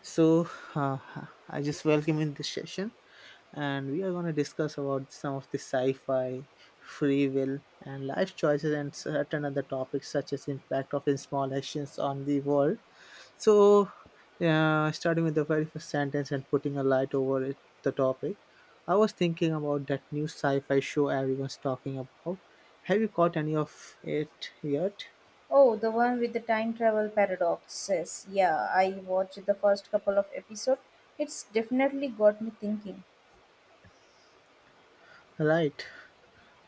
So uh, I just welcome in this session, and we are going to discuss about some of the sci-fi, free will, and life choices, and certain other topics such as impact of in small actions on the world. So, starting with the very first sentence and putting a light over it, the topic, I was thinking about that new sci-fi show everyone's talking about. Have you caught any of it yet? Oh, the one with the time travel paradoxes. Yeah, I watched the first couple of episodes. It's definitely got me thinking. Right.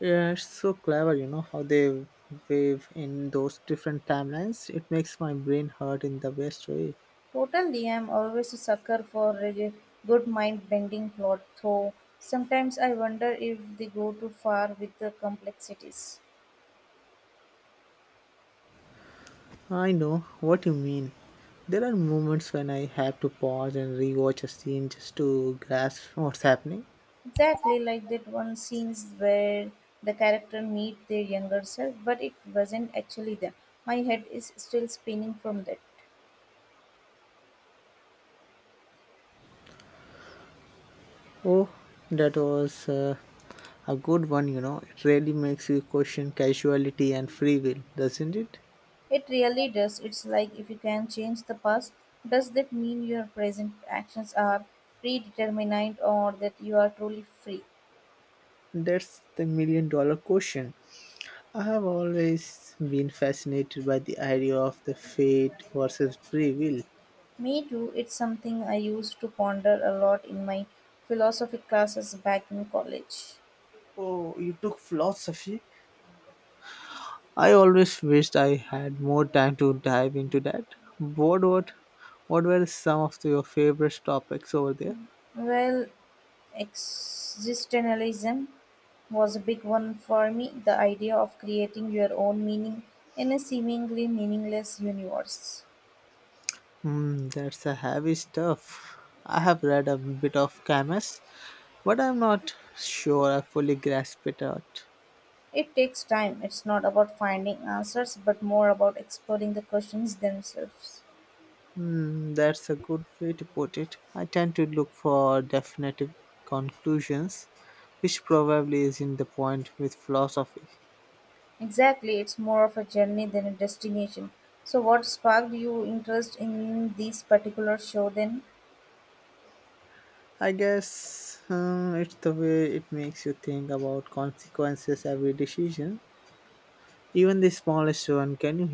Yeah, it's so clever, you know, how they wave in those different timelines. It makes my brain hurt in the best way. Totally, I'm always a sucker for a good mind bending plot, though sometimes I wonder if they go too far with the complexities. I know what you mean. There are moments when I have to pause and rewatch a scene just to grasp what's happening. Exactly like that one scenes where the character meet their younger self, but it wasn't actually them. My head is still spinning from that. Oh, that was a good one, you know. It really makes you question casuality and free will, doesn't it? It really does. It's like if you can change the past, does that mean your present actions are predetermined or that you are truly free? That's the million dollar question. I have always been fascinated by the idea of the fate versus free will. Me too. It's something I used to ponder a lot in my philosophy classes back in college. Oh, you took philosophy? I always wished I had more time to dive into that. What what what were some of your favorite topics over there? Well, existentialism was a big one for me the idea of creating your own meaning in a seemingly meaningless universe. Hmm, that's a heavy stuff. I have read a bit of Camus, but I'm not sure I fully grasp it out. It takes time. It's not about finding answers, but more about exploring the questions themselves. Hmm, that's a good way to put it. I tend to look for definitive conclusions, which probably isn't the point with philosophy. Exactly, it's more of a journey than a destination. So, what sparked your interest in this particular show then? I guess it's the way it makes you think about consequences every decision. Even the smallest one can you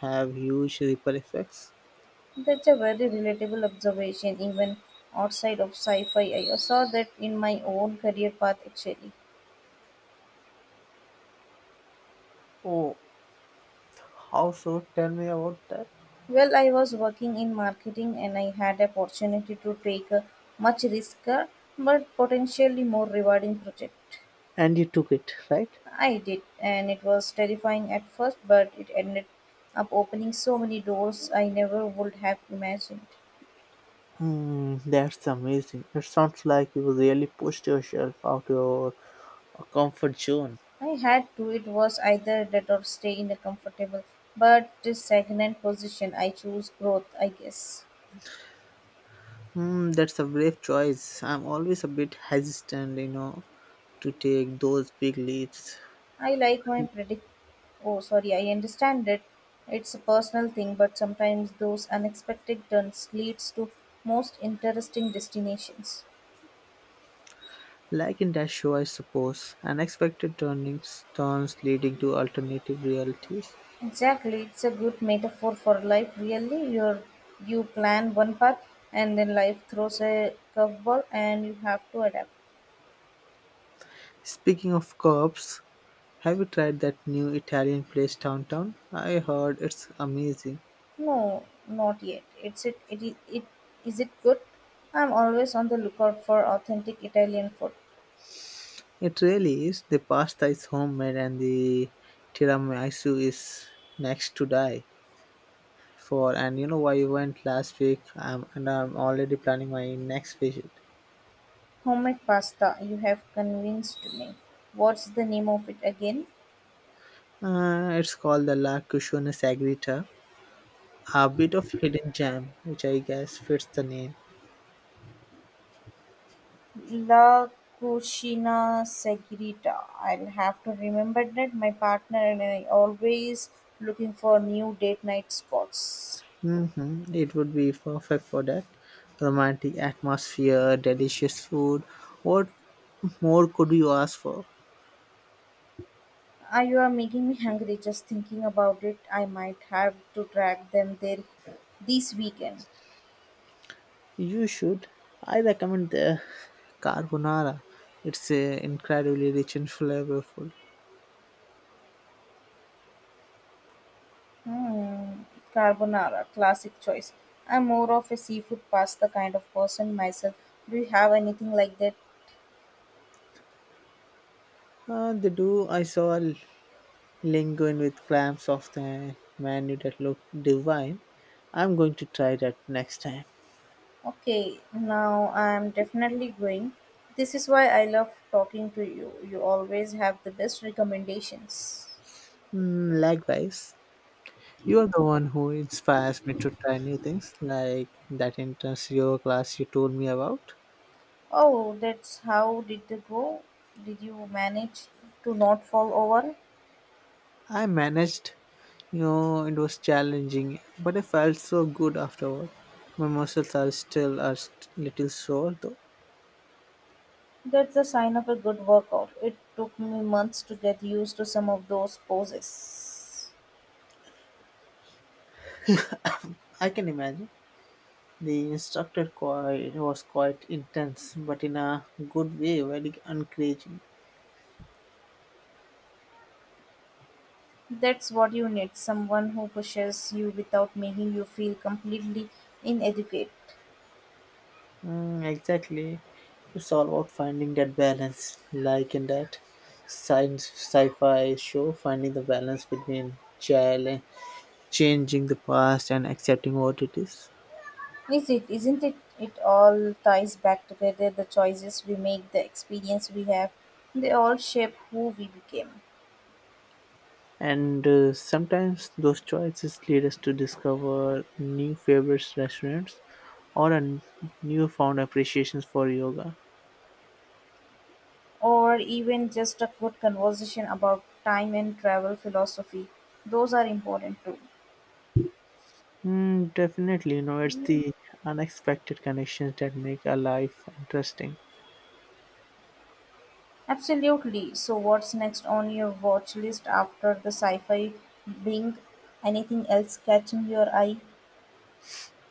hu- have huge ripple effects. That's a very relatable observation, even outside of sci fi. I saw that in my own career path actually. Oh, how so? Tell me about that. Well, I was working in marketing and I had the opportunity to take a much riskier but potentially more rewarding project. And you took it, right? I did, and it was terrifying at first, but it ended up opening so many doors I never would have imagined. Hmm, that's amazing. It sounds like you really pushed yourself out your comfort zone. I had to, it was either that or stay in a comfortable but stagnant position. I choose growth, I guess. Hmm, that's a brave choice. I'm always a bit hesitant, you know, to take those big leaps. I like my predict. Oh, sorry, I understand that it's a personal thing, but sometimes those unexpected turns leads to most interesting destinations. Like in that show, I suppose, unexpected turns leading to alternative realities. Exactly, it's a good metaphor for life. Really, you plan one path, and then life throws a curveball, and you have to adapt. Speaking of cops, have you tried that new Italian place downtown? I heard it's amazing. No, not yet. It is it good. I'm always on the lookout for authentic Italian food, It really is. The pasta is homemade and the tiramisu is next to die for. And you know why you went last week? And I'm already planning my next visit. homemade pasta. You have convinced me. What's the name of it again? It's called the La Cucina Sagrita, a bit of hidden gem, which I guess fits the name. La cucina segreta. I'll have to remember that. My partner and I always looking for new date night spots. Hmm It would be perfect for that romantic atmosphere, delicious food. What more could you ask for? Ah, you are making me hungry just thinking about it. I might have to drag them there this weekend. You should. I recommend the carbonara. It's incredibly rich and flavorful. Hmm, carbonara, classic choice. I'm more of a seafood pasta kind of person myself. Do you have anything like that? They do. I saw a linguine with clams off the menu that looked divine. I'm going to try that next time. Okay, now I'm definitely going. This is why I love talking to you. You always have the best recommendations. Mm, likewise, you are the one who inspires me to try new things, like that intense yoga class you told me about. Oh, that's how did it go? Did you manage to not fall over? I managed, you know, it was challenging, but I felt so good afterward. My muscles are still a little sore, though. That's a sign of a good workout. It took me months to get used to some of those poses. I can imagine. The instructor was quite intense, but in a good way, very encouraging. That's what you need someone who pushes you without making you feel completely inadequate. Mm, exactly. It's all about finding that balance, like in that science sci-fi show, finding the balance between child changing the past and accepting what it is. Is it? Isn't it? It all ties back together. The choices we make, the experience we have, they all shape who we became. And sometimes those choices lead us to discover new favorite restaurants or a newfound appreciations for yoga. Or even just a good conversation about time and travel philosophy. Those are important too. Mm, definitely, you know, it's the unexpected connections that make a life interesting. Absolutely. So, what's next on your watch list after the sci fi being anything else catching your eye?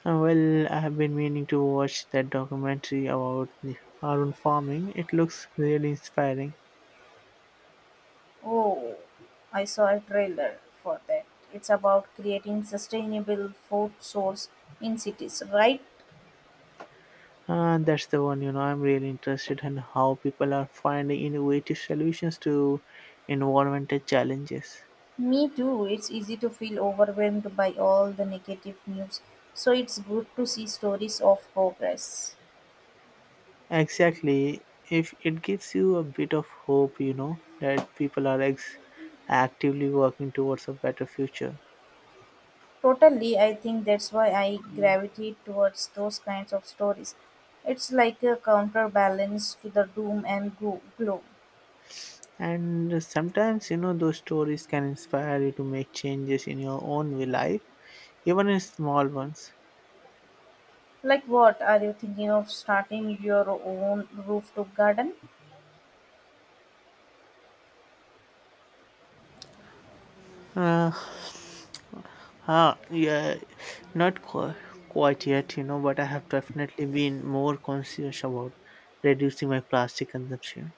Well, I have been meaning to watch that documentary about the arun farming. It looks really inspiring, Oh, I saw a trailer for that. It's about creating sustainable food source in cities, right? and that's the one. You know, I'm really interested in how people are finding innovative solutions to environmental challenges. Me too. It's easy to feel overwhelmed by all the negative news. So it's good to see stories of progress. Exactly. If it gives you a bit of hope, you know, that people are actively working towards a better future. Totally, I think that's why I gravitate towards those kinds of stories. It's like a counterbalance to the doom and gloom. And sometimes, you know, those stories can inspire you to make changes in your own life, even in small ones. Like what? Are you thinking of starting your own rooftop garden? Uh, yeah, not quite, quite yet, you know, but I have definitely been more conscious about reducing my plastic consumption.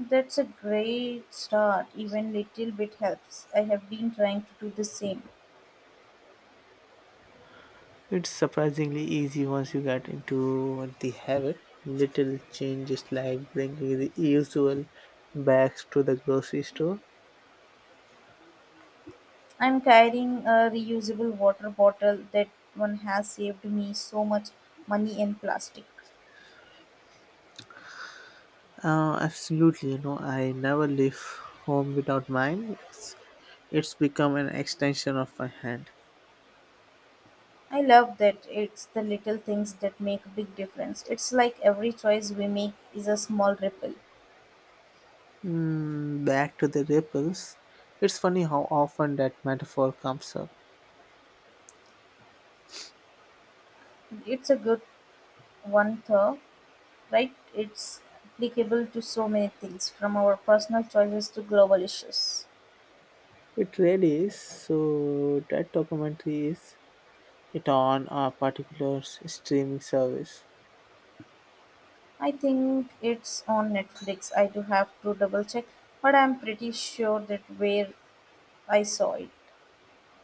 That's a great start. Even little bit helps. I have been trying to do the same. It's surprisingly easy once you get into the habit. Little changes like bringing the usual bags to the grocery store. I'm carrying a reusable water bottle. That one has saved me so much money and plastic. Absolutely, you know, I never leave home without mine. It's become an extension of my hand. I love that it's the little things that make a big difference. It's like every choice we make is a small ripple. Mm, back to the ripples. It's funny how often that metaphor comes up. It's a good one, though, right? It's applicable to so many things, from our personal choices to global issues. It really is. So that documentary, is it on a particular streaming service? I think it's on Netflix. I do have to double check, but I'm pretty sure that where I saw it.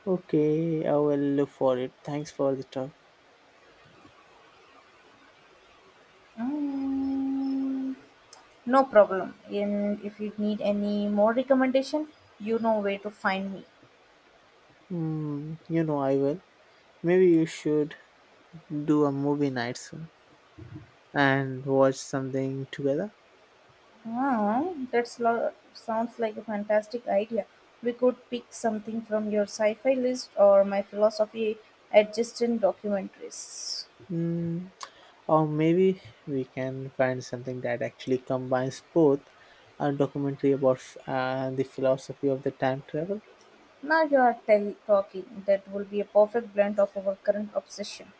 Okay, I will look for it. Thanks for the stuff. Mm. No problem. And if you need any more recommendation, you know where to find me. Hmm, you know I will. Maybe you should do a movie night soon and watch something together. Oh, sounds like a fantastic idea. We could pick something from your sci-fi list or my philosophy adjacent documentaries. Hmm, or maybe we can find something that actually combines both, a documentary about the philosophy of the time travel. Now you are talking. That will be a perfect blend of our current obsession.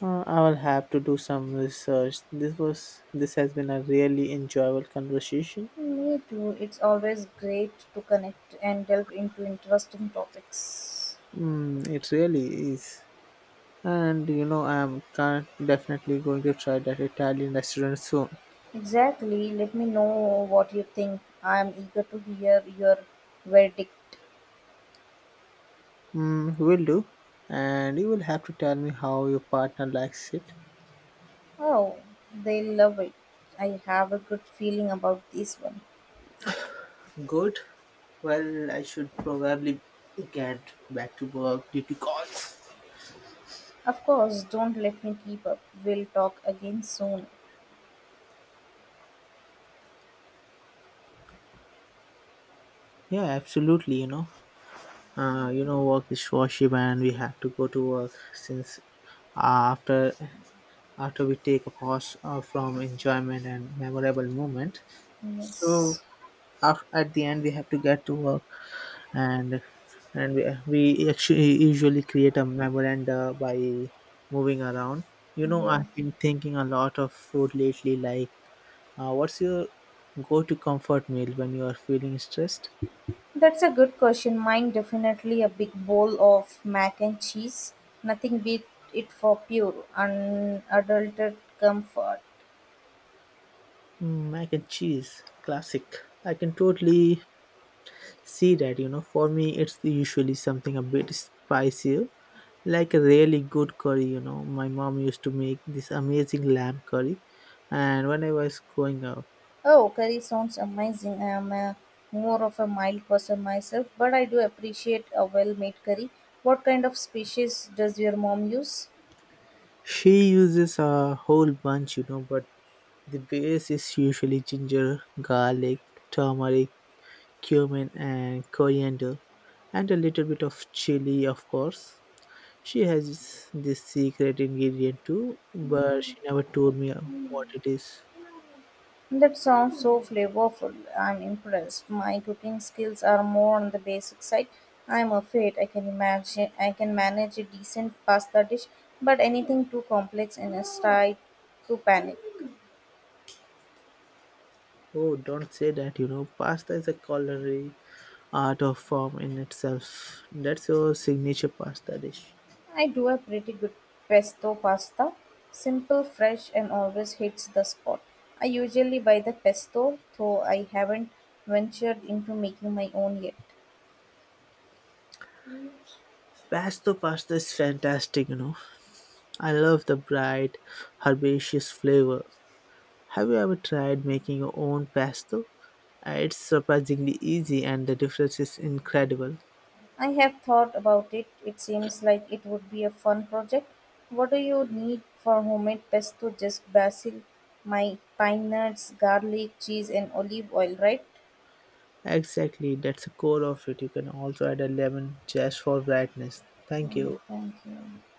I will have to do some research. This has been a really enjoyable conversation. Me too. It's always great to connect and delve into interesting topics. Mm, it really is. And you know I'm definitely going to try that Italian restaurant soon. Exactly. Let me know what you think. I am eager to hear your verdict. Mm, will do, and you will have to tell me how your partner likes it. Oh, they love it. I have a good feeling about this one. Good. Well, I should probably get back to work due to calls. Of course, don't let me keep up. We'll talk again soon. Yeah, absolutely. You know, work is worship, and we have to go to work since after after we take a pause from enjoyment and memorable moment. So Yes. af at the end, we have to get to work. and and we actually usually create a memoranda by moving around. You know, Yes. I've been thinking a lot of food lately, like what's your go-to comfort meal when you are feeling stressed? That's a good question. Mine definitely a big bowl of mac and cheese. Nothing beat it for pure, unadulterated comfort. Mm, mac and cheese, classic. I can totally see that, you know. For me it's usually something a bit spicier, like a really good curry. You know, my mom used to make this amazing lamb curry and when I was growing up. Oh, curry sounds amazing. I am a, more of a mild person myself, but I do appreciate a well made curry. What kind of species does your mom use? She uses a whole bunch, you know, but the base is usually ginger, garlic, turmeric, cumin, and coriander, and a little bit of chili, of course. She has this secret ingredient too, but she never told me what it is. That sounds so flavorful. I'm impressed. My cooking skills are more on the basic side. I'm afraid I can imagine I can manage a decent pasta dish, but anything too complex and I start to panic. Oh, don't say that, you know, pasta is a culinary art of form in itself. That's your signature pasta dish. I do a pretty good pesto pasta. Simple, fresh, and always hits the spot. I usually buy the pesto, though I haven't ventured into making my own yet. Pesto pasta is fantastic, you know. I love the bright herbaceous flavor. Have you ever tried making your own pesto? It's surprisingly easy and the difference is incredible. I have thought about it. It seems like it would be a fun project. What do you need for homemade pesto? Just basil, my pine nuts, garlic, cheese, and olive oil, right? Exactly, that's the core of it. You can also add a lemon just for brightness. Thank Mm, you. thank you.